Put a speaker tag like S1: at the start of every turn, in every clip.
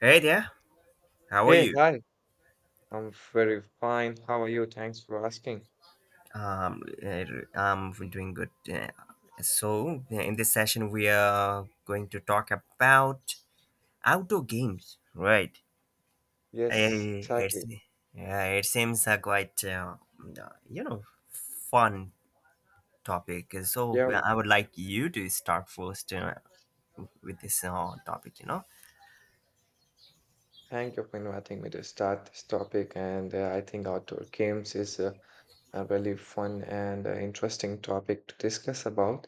S1: Hey there, how are
S2: Hey,
S1: you?
S2: hi. I'm very fine. How are you? Thanks for asking.
S1: Um, uh, I'm doing good. In this session, we are going to talk about outdoor games, right?
S2: Yes,
S1: Uh, It's,
S2: exactly.
S1: yeah, it seems a quite, you know, fun topic. So,
S2: Yeah, well,
S1: I would like you to start first with this topic,
S2: thank you for inviting me to start this topic. And I think outdoor games is a really fun and interesting topic to discuss about.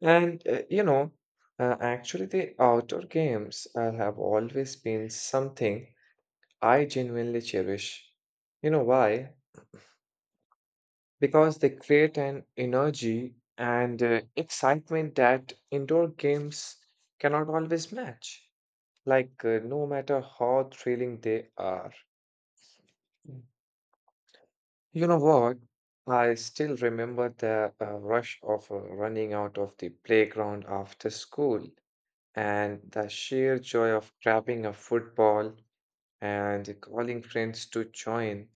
S2: And uh, you know, actually, the outdoor games have always been something I genuinely cherish. You know why? Because they create an energy and excitement that indoor games cannot always match. Like, no matter how thrilling they are. Mm. You know what? I still remember the rush of running out of the playground after school and the sheer joy of grabbing a football and calling friends to join.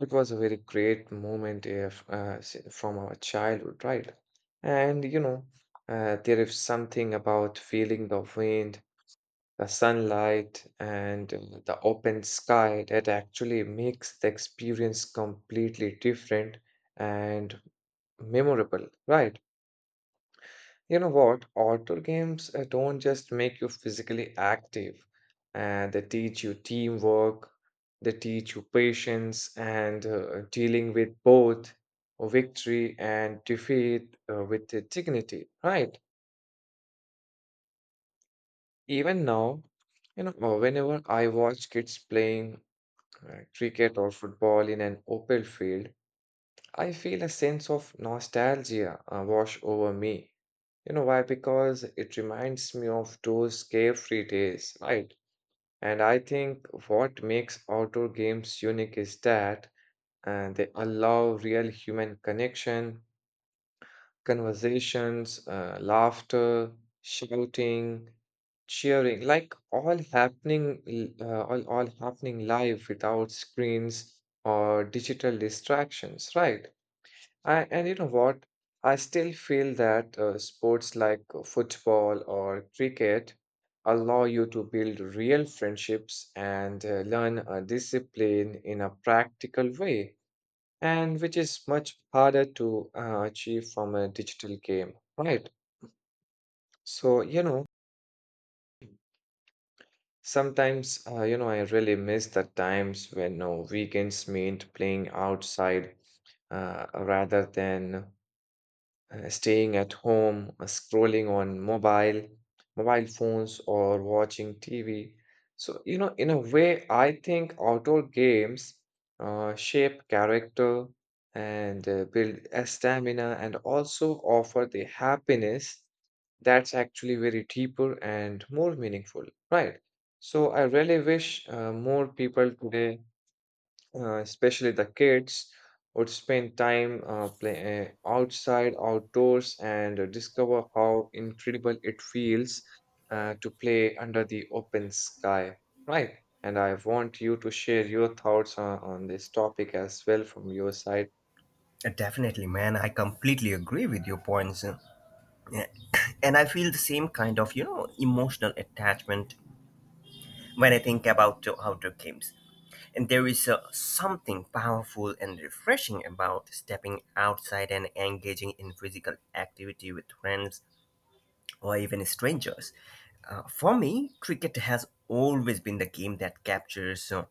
S2: It was a very great moment if, s- from our childhood, right? And there is something about feeling the wind, the sunlight, and the open sky that actually makes the experience completely different and memorable, right? You know what? Outdoor games don't just make you physically active, and they teach you teamwork, they teach you patience and dealing with both victory and defeat with the dignity, right? Even now, you know, whenever I watch kids playing cricket or football in an open field, I feel a sense of nostalgia wash over me. You know why? Because it reminds me of those carefree days, right? And I think what makes outdoor games unique is that they allow real human connection, conversations, laughter, shouting, cheering, like all all happening live without screens or digital distractions, right? And you know what? I still feel that sports like football or cricket allow you to build real friendships and learn a discipline in a practical way, and which is much harder to achieve from a digital game, right? So, you know, sometimes, I really miss the times when weekends meant playing outside rather than staying at home, scrolling on mobile phones, or watching TV. So, you know, in a way, I think outdoor games shape character and build a stamina and also offer the happiness that's actually very deeper and more meaningful, right? So, I really wish more people today, especially the kids, would spend time outdoors, and discover how incredible it feels to play under the open sky. Right. And I want you to share your thoughts on this topic as well from your side.
S1: Definitely, man. I completely agree with your points. And I feel the same kind of, emotional attachment when I think about the outdoor games. And there is something powerful and refreshing about stepping outside and engaging in physical activity with friends or even strangers. For me, cricket has always been the game that captures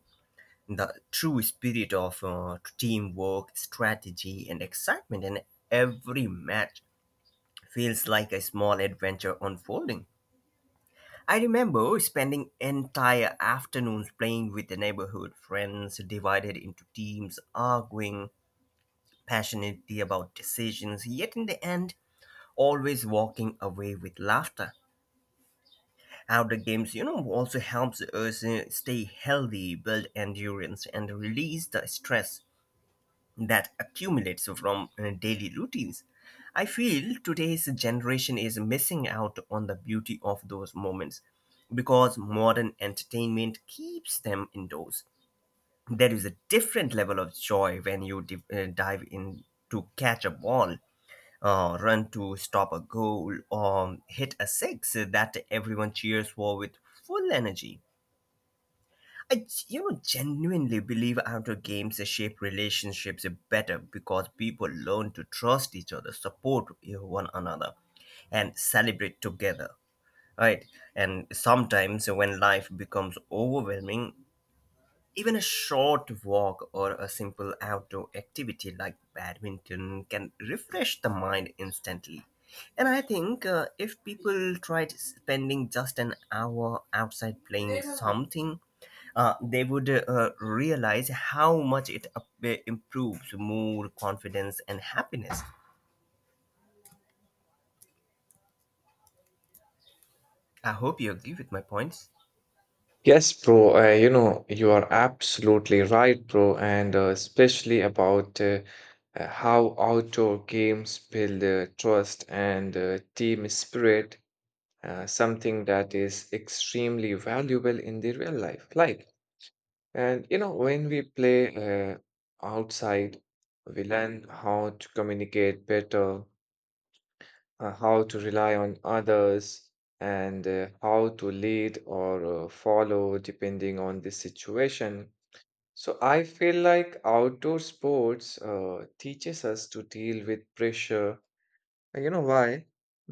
S1: the true spirit of teamwork, strategy, and excitement, and every match feels like a small adventure unfolding. I remember spending entire afternoons playing with the neighborhood friends, divided into teams, arguing passionately about decisions, yet in the end, always walking away with laughter. Outdoor games, also helps us stay healthy, build endurance, and release the stress that accumulates from daily routines. I feel today's generation is missing out on the beauty of those moments because modern entertainment keeps them indoors. There is a different level of joy when you dive in to catch a ball, run to stop a goal, or hit a six that everyone cheers for with full energy. I genuinely believe outdoor games shape relationships better because people learn to trust each other, support one another, and celebrate together. Right, and sometimes when life becomes overwhelming, even a short walk or a simple outdoor activity like badminton can refresh the mind instantly. And I think if people tried spending just an hour outside playing something, they would realize how much it improves mood, confidence, and happiness. I hope you agree with my points.
S2: Yes, bro. You know, you are absolutely right, bro. And especially about how outdoor games build trust and team spirit, something that is extremely valuable in the real life. Like, and you know, when we play outside, we learn how to communicate better, how to rely on others and how to lead or follow depending on the situation. So I feel like outdoor sports teaches us to deal with pressure. And you know why?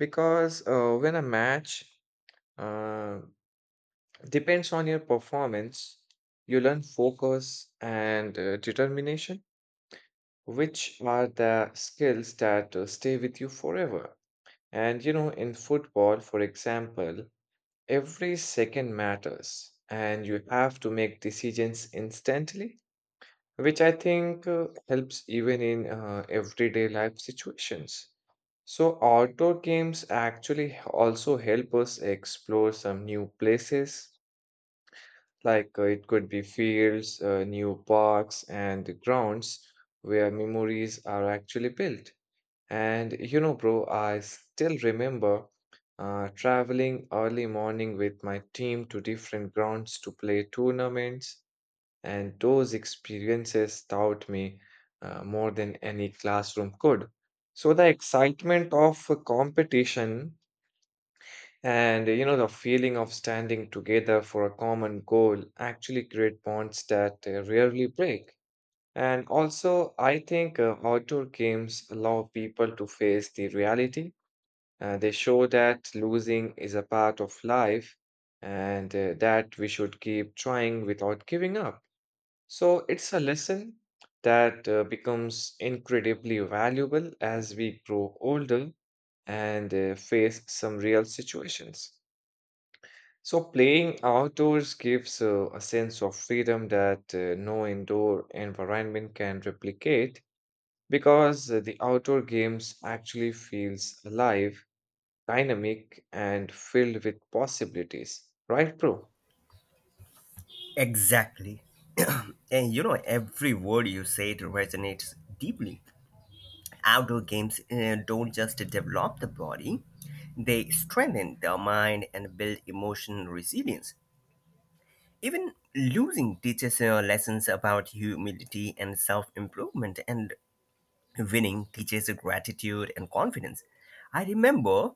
S2: Because when a match uh, depends on your performance. You learn focus and determination, which are the skills that stay with you forever. And you know, in football, for example, every second matters, and you have to make decisions instantly, which I think helps even in everyday life situations. So, outdoor games actually also help us explore some new places. Like, it could be fields, new parks, and grounds where memories are actually built. And you know, bro, I still remember traveling early morning with my team to different grounds to play tournaments, and those experiences taught me more than any classroom could. So the excitement of a competition and you know, the feeling of standing together for a common goal actually create bonds that rarely break. And also, I think outdoor games allow people to face the reality. They show that losing is a part of life and that we should keep trying without giving up. So, it's a lesson that becomes incredibly valuable as we grow older and face some real situations. So playing outdoors gives a sense of freedom that no indoor environment can replicate because the outdoor games actually feels alive, dynamic and filled with possibilities. Right, bro?
S1: Exactly. And every word you said resonates deeply. Outdoor games don't just develop the body, they strengthen the mind and build emotional resilience. Even losing teaches lessons about humility and self improvement, and winning teaches gratitude and confidence. I remember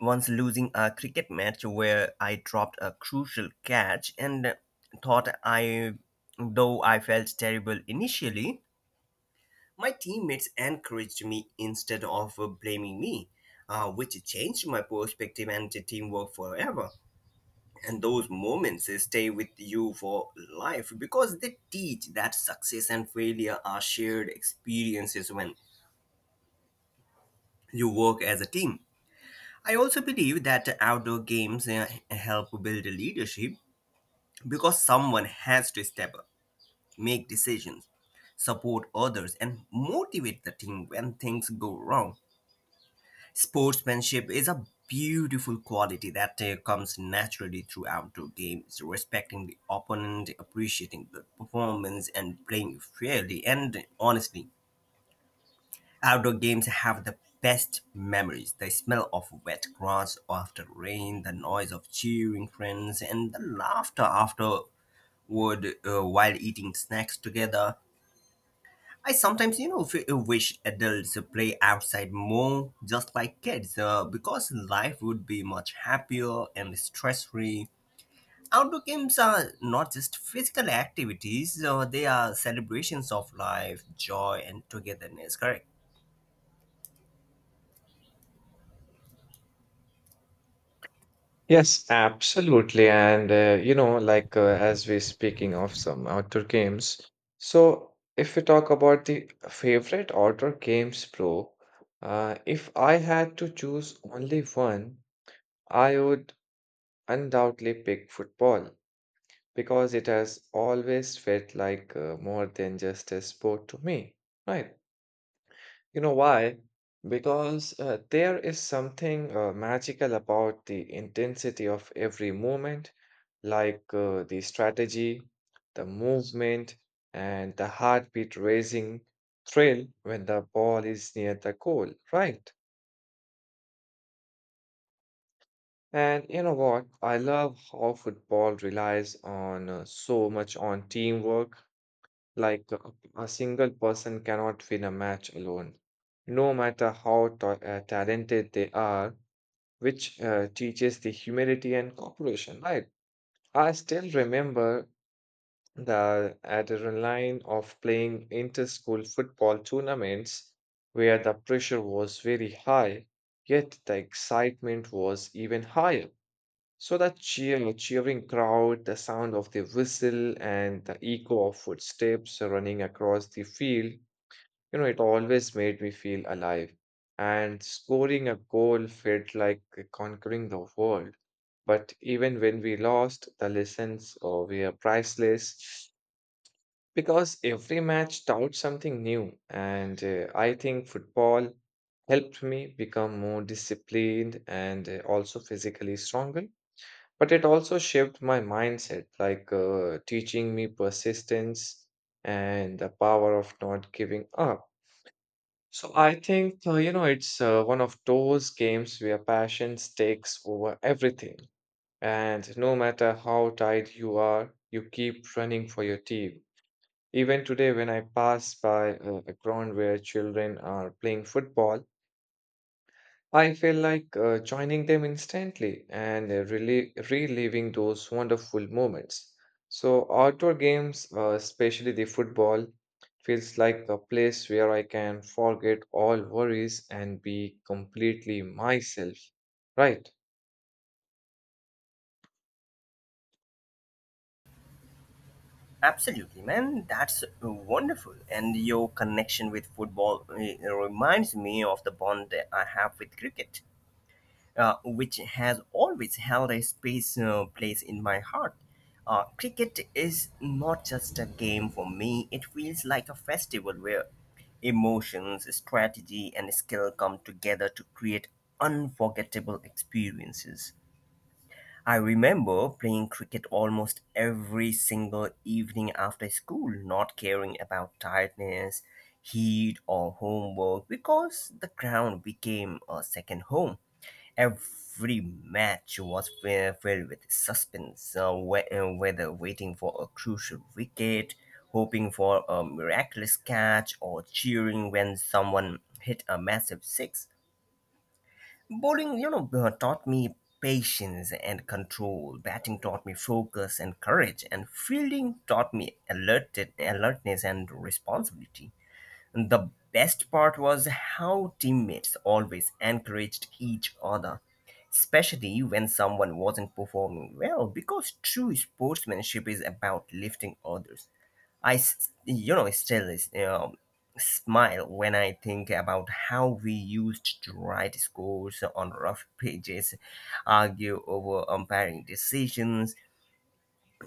S1: once losing a cricket match where I dropped a crucial catch and thought I, though I felt terrible initially, my teammates encouraged me instead of blaming me, which changed my perspective and the teamwork forever. And those moments stay with you for life because they teach that success and failure are shared experiences when you work as a team. I also believe that outdoor games help build leadership because someone has to step up, make decisions, support others, and motivate the team when things go wrong. Sportsmanship is a beautiful quality that comes naturally through outdoor games, respecting the opponent, appreciating the performance, and playing fairly and honestly. Outdoor games have the best memories, the smell of wet grass after rain, the noise of cheering friends, and the laughter afterward while eating snacks together. I sometimes, wish adults play outside more, just like kids, because life would be much happier and stress-free. Outdoor games are not just physical activities; they are celebrations of life, joy, and togetherness. Correct.
S2: Yes, absolutely. And you know, like, as we're speaking of some outdoor games, so if we talk about the favorite outdoor games, bro, if I had to choose only one, I would undoubtedly pick football because it has always felt like more than just a sport to me, right? You know why? Because there is something magical about the intensity of every movement, like, the strategy, the movement, and the heartbeat raising thrill when the ball is near the goal, right? And you know what? I love how football relies on so much on teamwork. Like, a single person cannot win a match alone, no matter how ta talented they are, which teaches the humility and cooperation, right? I still remember the adrenaline of playing inter-school football tournaments where the pressure was very high, yet the excitement was even higher. So that cheering crowd, the sound of the whistle, and the echo of footsteps running across the field, you know, it always made me feel alive. And scoring a goal felt like conquering the world. But even when we lost, the lessons were priceless because every match taught something new. And I think football helped me become more disciplined and also physically stronger. But it also shaped my mindset, like, teaching me persistence and the power of not giving up. So I think, you know, it's one of those games where passion takes over everything. And no matter how tired you are, you keep running for your team. Even today, when I pass by a ground where children are playing football, I feel like joining them instantly and really reliving those wonderful moments. So, outdoor games, especially the football, feels like a place where I can forget all worries and be completely myself. Right.
S1: Absolutely, man. That's wonderful. And your connection with football reminds me of the bond that I have with cricket, which has always held a special place in my heart. Cricket is not just a game for me, it feels like a festival where emotions, strategy, and skill come together to create unforgettable experiences. I remember playing cricket almost every single evening after school, not caring about tiredness, heat, or homework because the ground became a second home. Every match was filled with suspense, whether waiting for a crucial wicket, hoping for a miraculous catch, or cheering when someone hit a massive six. Bowling, taught me patience and control. Batting taught me focus and courage, and fielding taught me alertness and responsibility. The best part was how teammates always encouraged each other, especially when someone wasn't performing well, because true sportsmanship is about lifting others. I, s- you know, still is, you know, smile when I think about how we used to write scores on rough pages, argue over umpiring decisions,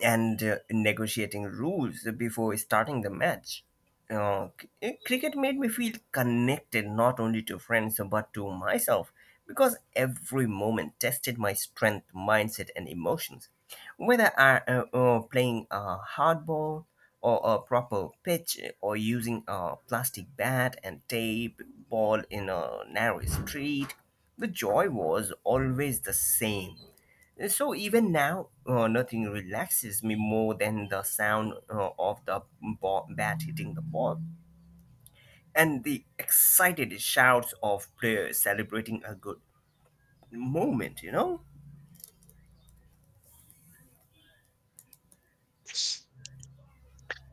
S1: and negotiating rules before starting the match. Cricket made me feel connected not only to friends but to myself because every moment tested my strength, mindset, and emotions. Whether I playing a hard ball or a proper pitch or using a plastic bat and tape ball in a narrow street, the joy was always the same. So even now, nothing relaxes me more than the sound of bat hitting the ball and the excited shouts of players celebrating a good moment,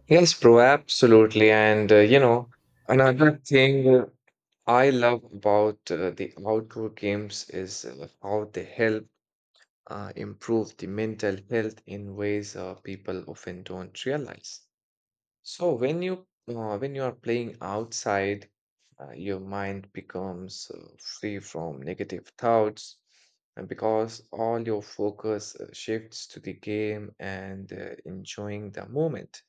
S2: Yes, bro, absolutely. And you know, another thing I love about the outdoor games is how they help improve the mental health in ways people often don't realize. So when you are playing outside, your mind becomes free from negative thoughts, and because all your focus shifts to the game and enjoying the moment.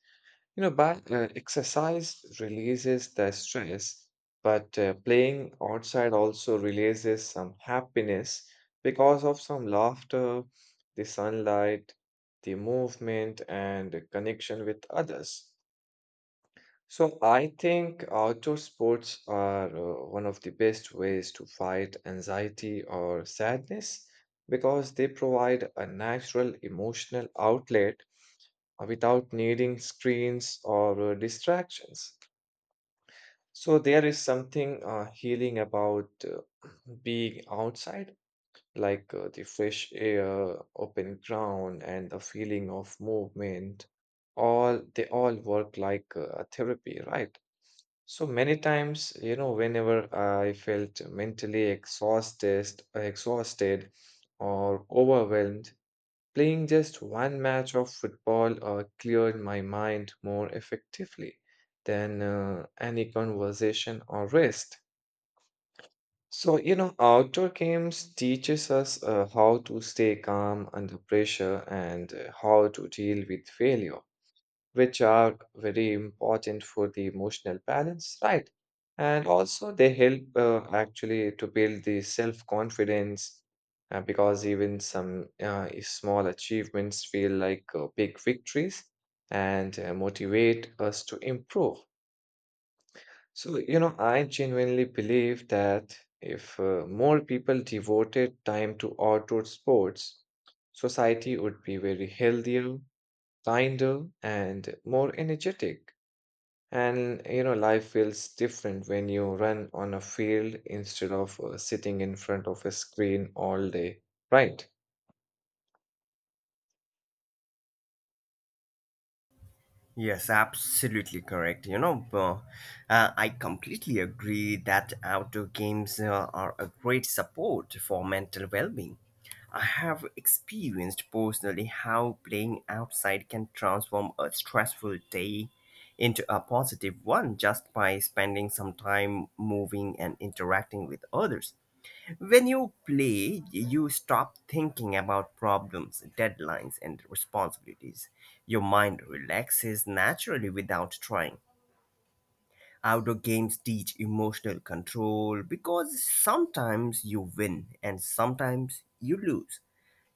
S2: You know, back, exercise releases the stress, but playing outside also releases some happiness because of some laughter, the sunlight, the movement, and the connection with others. So I think outdoor sports are one of the best ways to fight anxiety or sadness because they provide a natural emotional outlet without needing screens or distractions. So there is something healing about being outside, like, the fresh air, open ground, and the feeling of movement. All they all work like a therapy, right? So many times, you know, whenever I felt mentally exhausted or overwhelmed, playing just one match of football cleared my mind more effectively than any conversation or rest. So, you know, outdoor games teaches us how to stay calm under pressure and how to deal with failure, which are very important for the emotional balance, right? And also they help actually to build the self-confidence because even some if small achievements feel like big victories and motivate us to improve. So, you know, I genuinely believe that if more people devoted time to outdoor sports, society would be very healthier, kinder, and more energetic. And you know, life feels different when you run on a field instead of sitting in front of a screen all day, right?
S1: Yes, absolutely correct. I completely agree that outdoor games are a great support for mental well being. I have experienced personally how playing outside can transform a stressful day into a positive one just by spending some time moving and interacting with others. When you play, you stop thinking about problems, deadlines, and responsibilities. Your mind relaxes naturally without trying. Outdoor games teach emotional control because sometimes you win and sometimes you lose.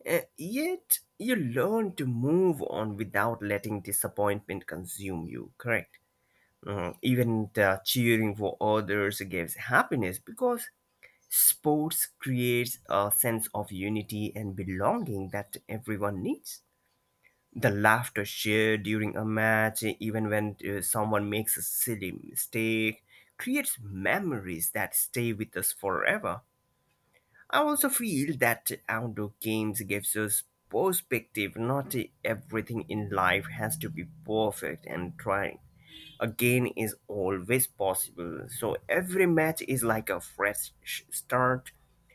S1: Yet, you learn to move on without letting disappointment consume you, correct? Mhm. Even the cheering for others gives happiness because sports creates a sense of unity and belonging that everyone needs. The laughter shared during a match, even when someone makes a silly mistake, creates memories that stay with us forever. I also feel that outdoor games gives us perspective. Not everything in life has to be perfect, and trying again is always possible. So every match is like a start,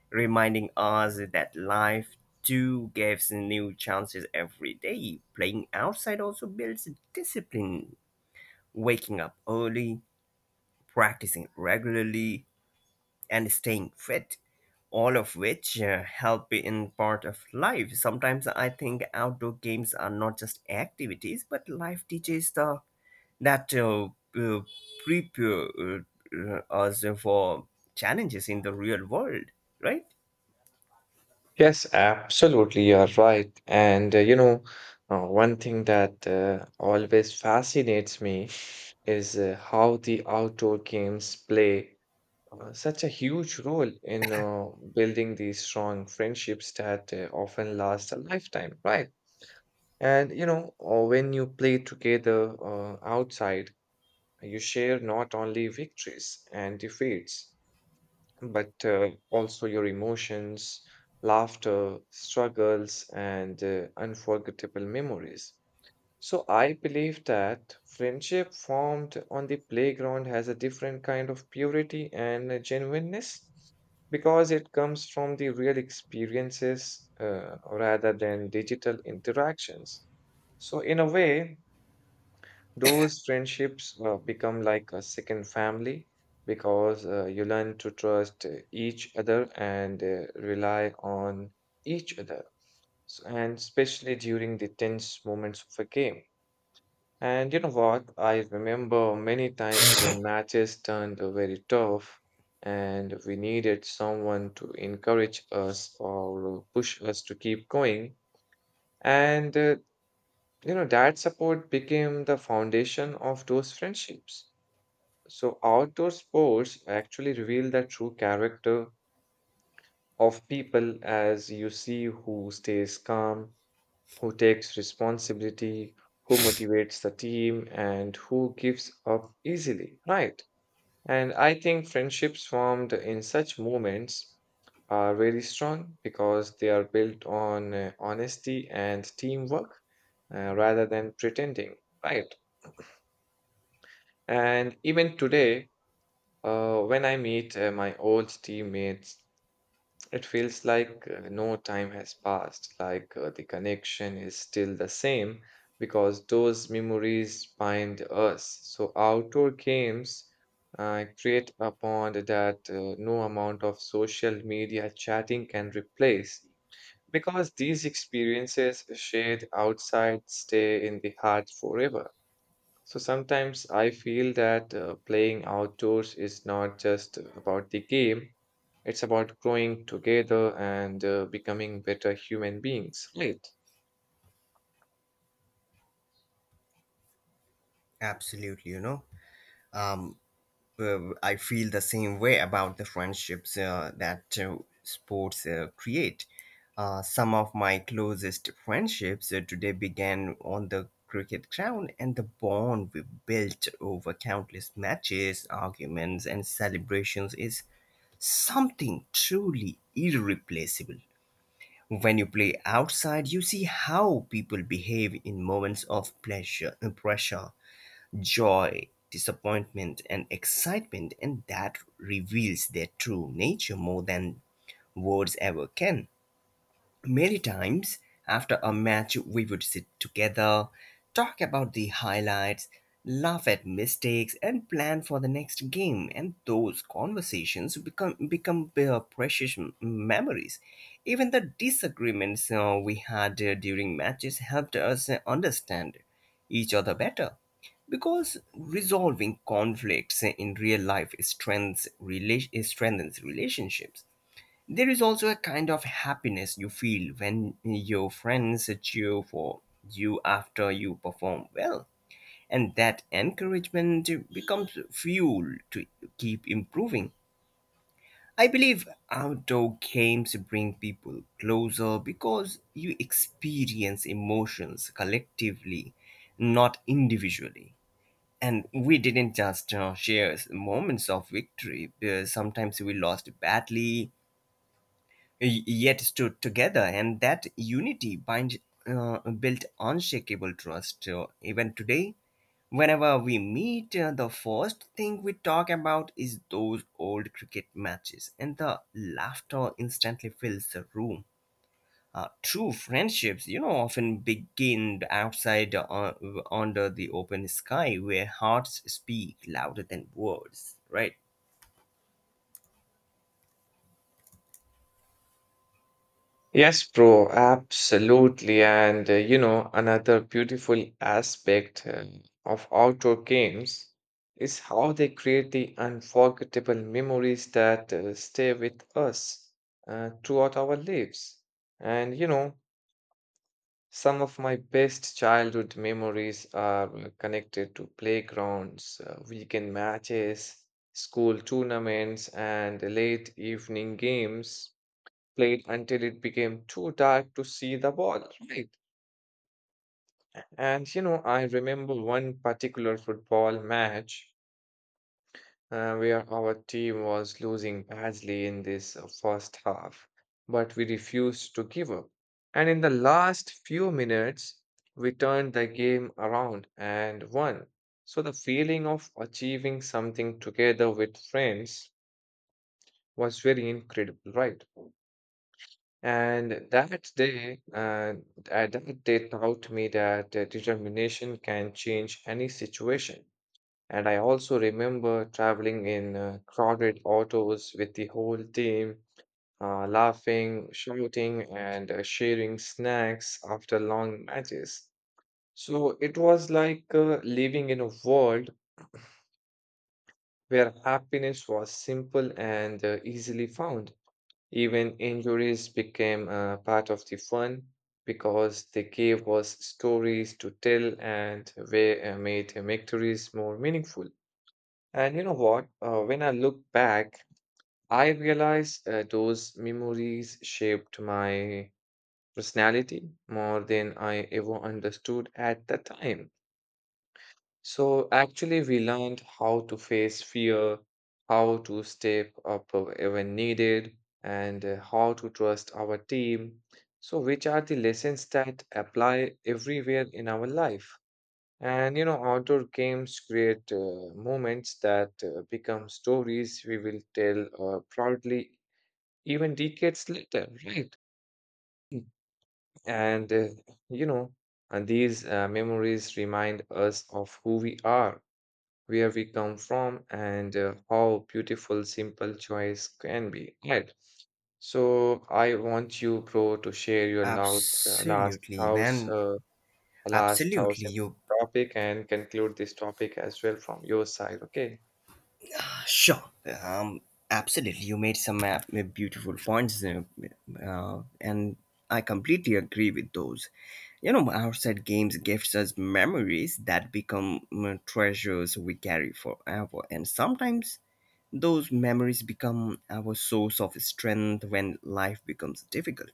S1: reminding us that life too gives new chances every day. Playing outside also builds discipline, waking up early, practicing regularly, and staying fit, all of which help in part of life. Sometimes I think outdoor games are not just activities, but life teaches the that uh, prepare us for challenges in the real world, right?
S2: Yes, absolutely, you're right. And you know, one thing that always fascinates me is how the outdoor games play such a huge role in building these strong friendships that often last a lifetime, right? And you know, when you play together outside, you share not only victories and defeats, but also your emotions, laughter, struggles, and unforgettable memories. So I believe that friendship formed on the playground has a different kind of purity and genuineness because it comes from the real experiences rather than digital interactions. So, in a way, those friendships become like a second family because you learn to trust each other and rely on each other. So, and especially during the tense moments of a game. And you know what? I remember many times when matches turned very tough and we needed someone to encourage us or push us to keep going. And that support became the foundation of those friendships. So, outdoor sports actually reveal the true character of people as you see who stays calm, who takes responsibility, who motivates the team, and who gives up easily, right? And I think friendships formed in such moments are really strong because they are built on honesty and teamwork rather than pretending, right? And even today, when I meet my old teammates, it feels like no time has passed, like the connection is still the same because those memories bind us. So, outdoor games create a bond that no amount of social media chatting can replace because these experiences shared outside stay in the heart forever. So sometimes I feel that playing outdoors is not just about the game, it's about growing together and becoming better human beings, right?
S1: Absolutely, Um, I feel the same way about the friendships that sports create. Some of my closest friendships today began on the cricket ground, and the bond we built over countless matches, arguments, and celebrations is something truly irreplaceable. When you play outside, you see how people behave in moments of pressure, joy, disappointment, and excitement, and that reveals their true nature more than words ever can. Many times after a match, we would sit together, talk about the highlights, laugh at mistakes, and plan for the next game. And those conversations become precious memories. Even the disagreements we had during matches helped us understand each other better because resolving conflicts in real life strengthens relationships. There is also a kind of happiness you feel when your friends cheer for you after you perform well. And that encouragement becomes fuel to keep improving. I believe outdoor games bring people closer because you experience emotions collectively, not individually. And we didn't just share moments of victory. Sometimes we lost badly, yet stood together, and that unity built unshakable trust. Even today, whenever we meet, the first thing we talk about is those old cricket matches, and the laughter instantly fills the room. True friendships, often begin outside under the open sky where hearts speak louder than words, right?
S2: Yes, bro, absolutely. And you know, another beautiful aspect of outdoor games is how they create the unforgettable memories that stay with us throughout our lives. And you know, some of my best childhood memories are connected to playgrounds, weekend matches, school tournaments, and late evening games played until it became too dark to see the ball, right? And you know, I remember one particular football match where our team was losing badly in this first half, but we refused to give up. And in the last few minutes, we turned the game around and won. So the feeling of achieving something together with friends was very incredible, right? And that day taught me that determination can change any situation. And I also remember traveling in crowded autos with the whole team, laughing, shouting, and sharing snacks after long matches. So it was like living in a world where happiness was simple and easily found. Even injuries became part of the fun because they gave us stories to tell and they made victories more meaningful. And you know what? When I look back, I realize those memories shaped my personality more than I ever understood at the time. So actually, we learned how to face fear, how to step up when needed, and how to trust our team. So, which are the lessons that apply everywhere in our life? And you know, outdoor games create moments that become stories we will tell proudly even decades later, right? Mm. And uh, you know, and these memories remind us of who we are, where we come from, and how beautiful simple choice can be, right? So I want you, bro, to share your
S1: Absolutely, man.
S2: last thoughts
S1: Absolutely.
S2: in
S1: You
S2: topic, and conclude this topic as well from your side. Okay?
S1: sure. Um, Absolutely. You made some beautiful points, and I completely agree with those. You know, outside games gives us memories that become treasures we carry forever, and sometimes those memories become our source of strength when life becomes difficult.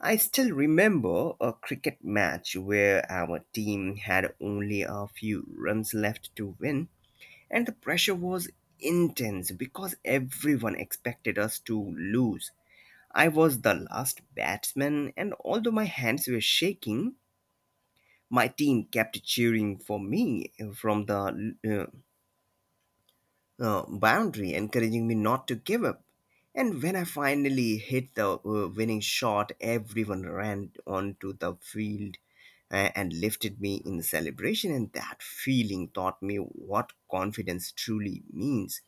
S1: I still remember a cricket match where our team had only a few runs left to win and the pressure was intense because everyone expected us to lose. I was the last batsman, and although my hands were shaking, my team kept cheering for me from the boundary, encouraging me not to give up. And when I finally hit the winning shot, everyone ran onto the field and lifted me in celebration. And that feeling taught me what confidence truly means.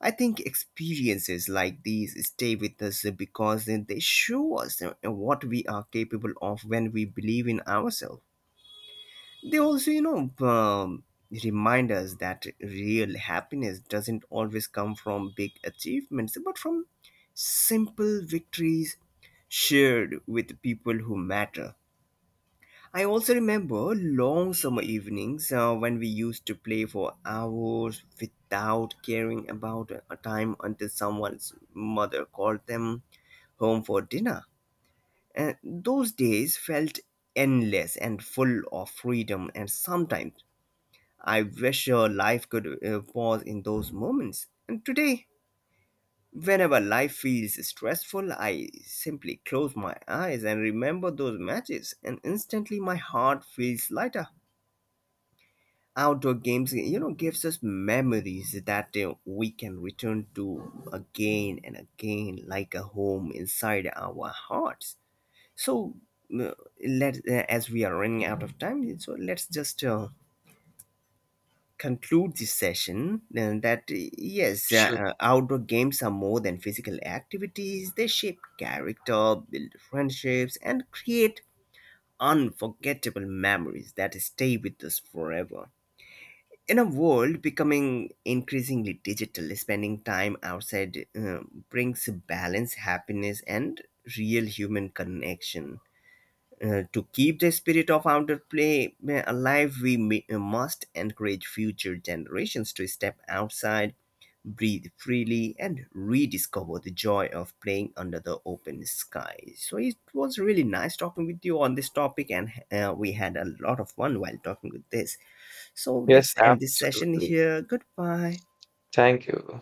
S1: I think experiences like these stay with us because they show us what we are capable of when we believe in ourselves. They also, remind us that real happiness doesn't always come from big achievements, but from simple victories shared with people who matter. I also remember long summer evenings when we used to play for hours without caring about a time until someone's mother called them home for dinner. And those days felt endless and full of freedom, and sometimes I wish life could pause in those moments. And today, whenever life feels stressful, I simply close my eyes and remember those matches, and instantly my heart feels lighter. Outdoor games, gives us memories that we can return to again and again like a home inside our hearts. So uh, let as we are running out of time, so let's just conclude this session. And that, yes,
S2: Sure.
S1: outdoor games are more than physical activities, they shape character, build friendships, and create unforgettable memories that stay with us forever. In a world becoming increasingly digital, spending time outside brings balance, happiness, and real human connection. To keep the spirit of outdoor play alive, we must encourage future generations to step outside, breathe freely, and rediscover the joy of playing under the open sky. So it was really nice talking with you on this topic, and we had a lot of fun while talking with this. So
S2: Yes,
S1: let's end this session
S2: absolutely.
S1: here. Goodbye.
S2: Thank you.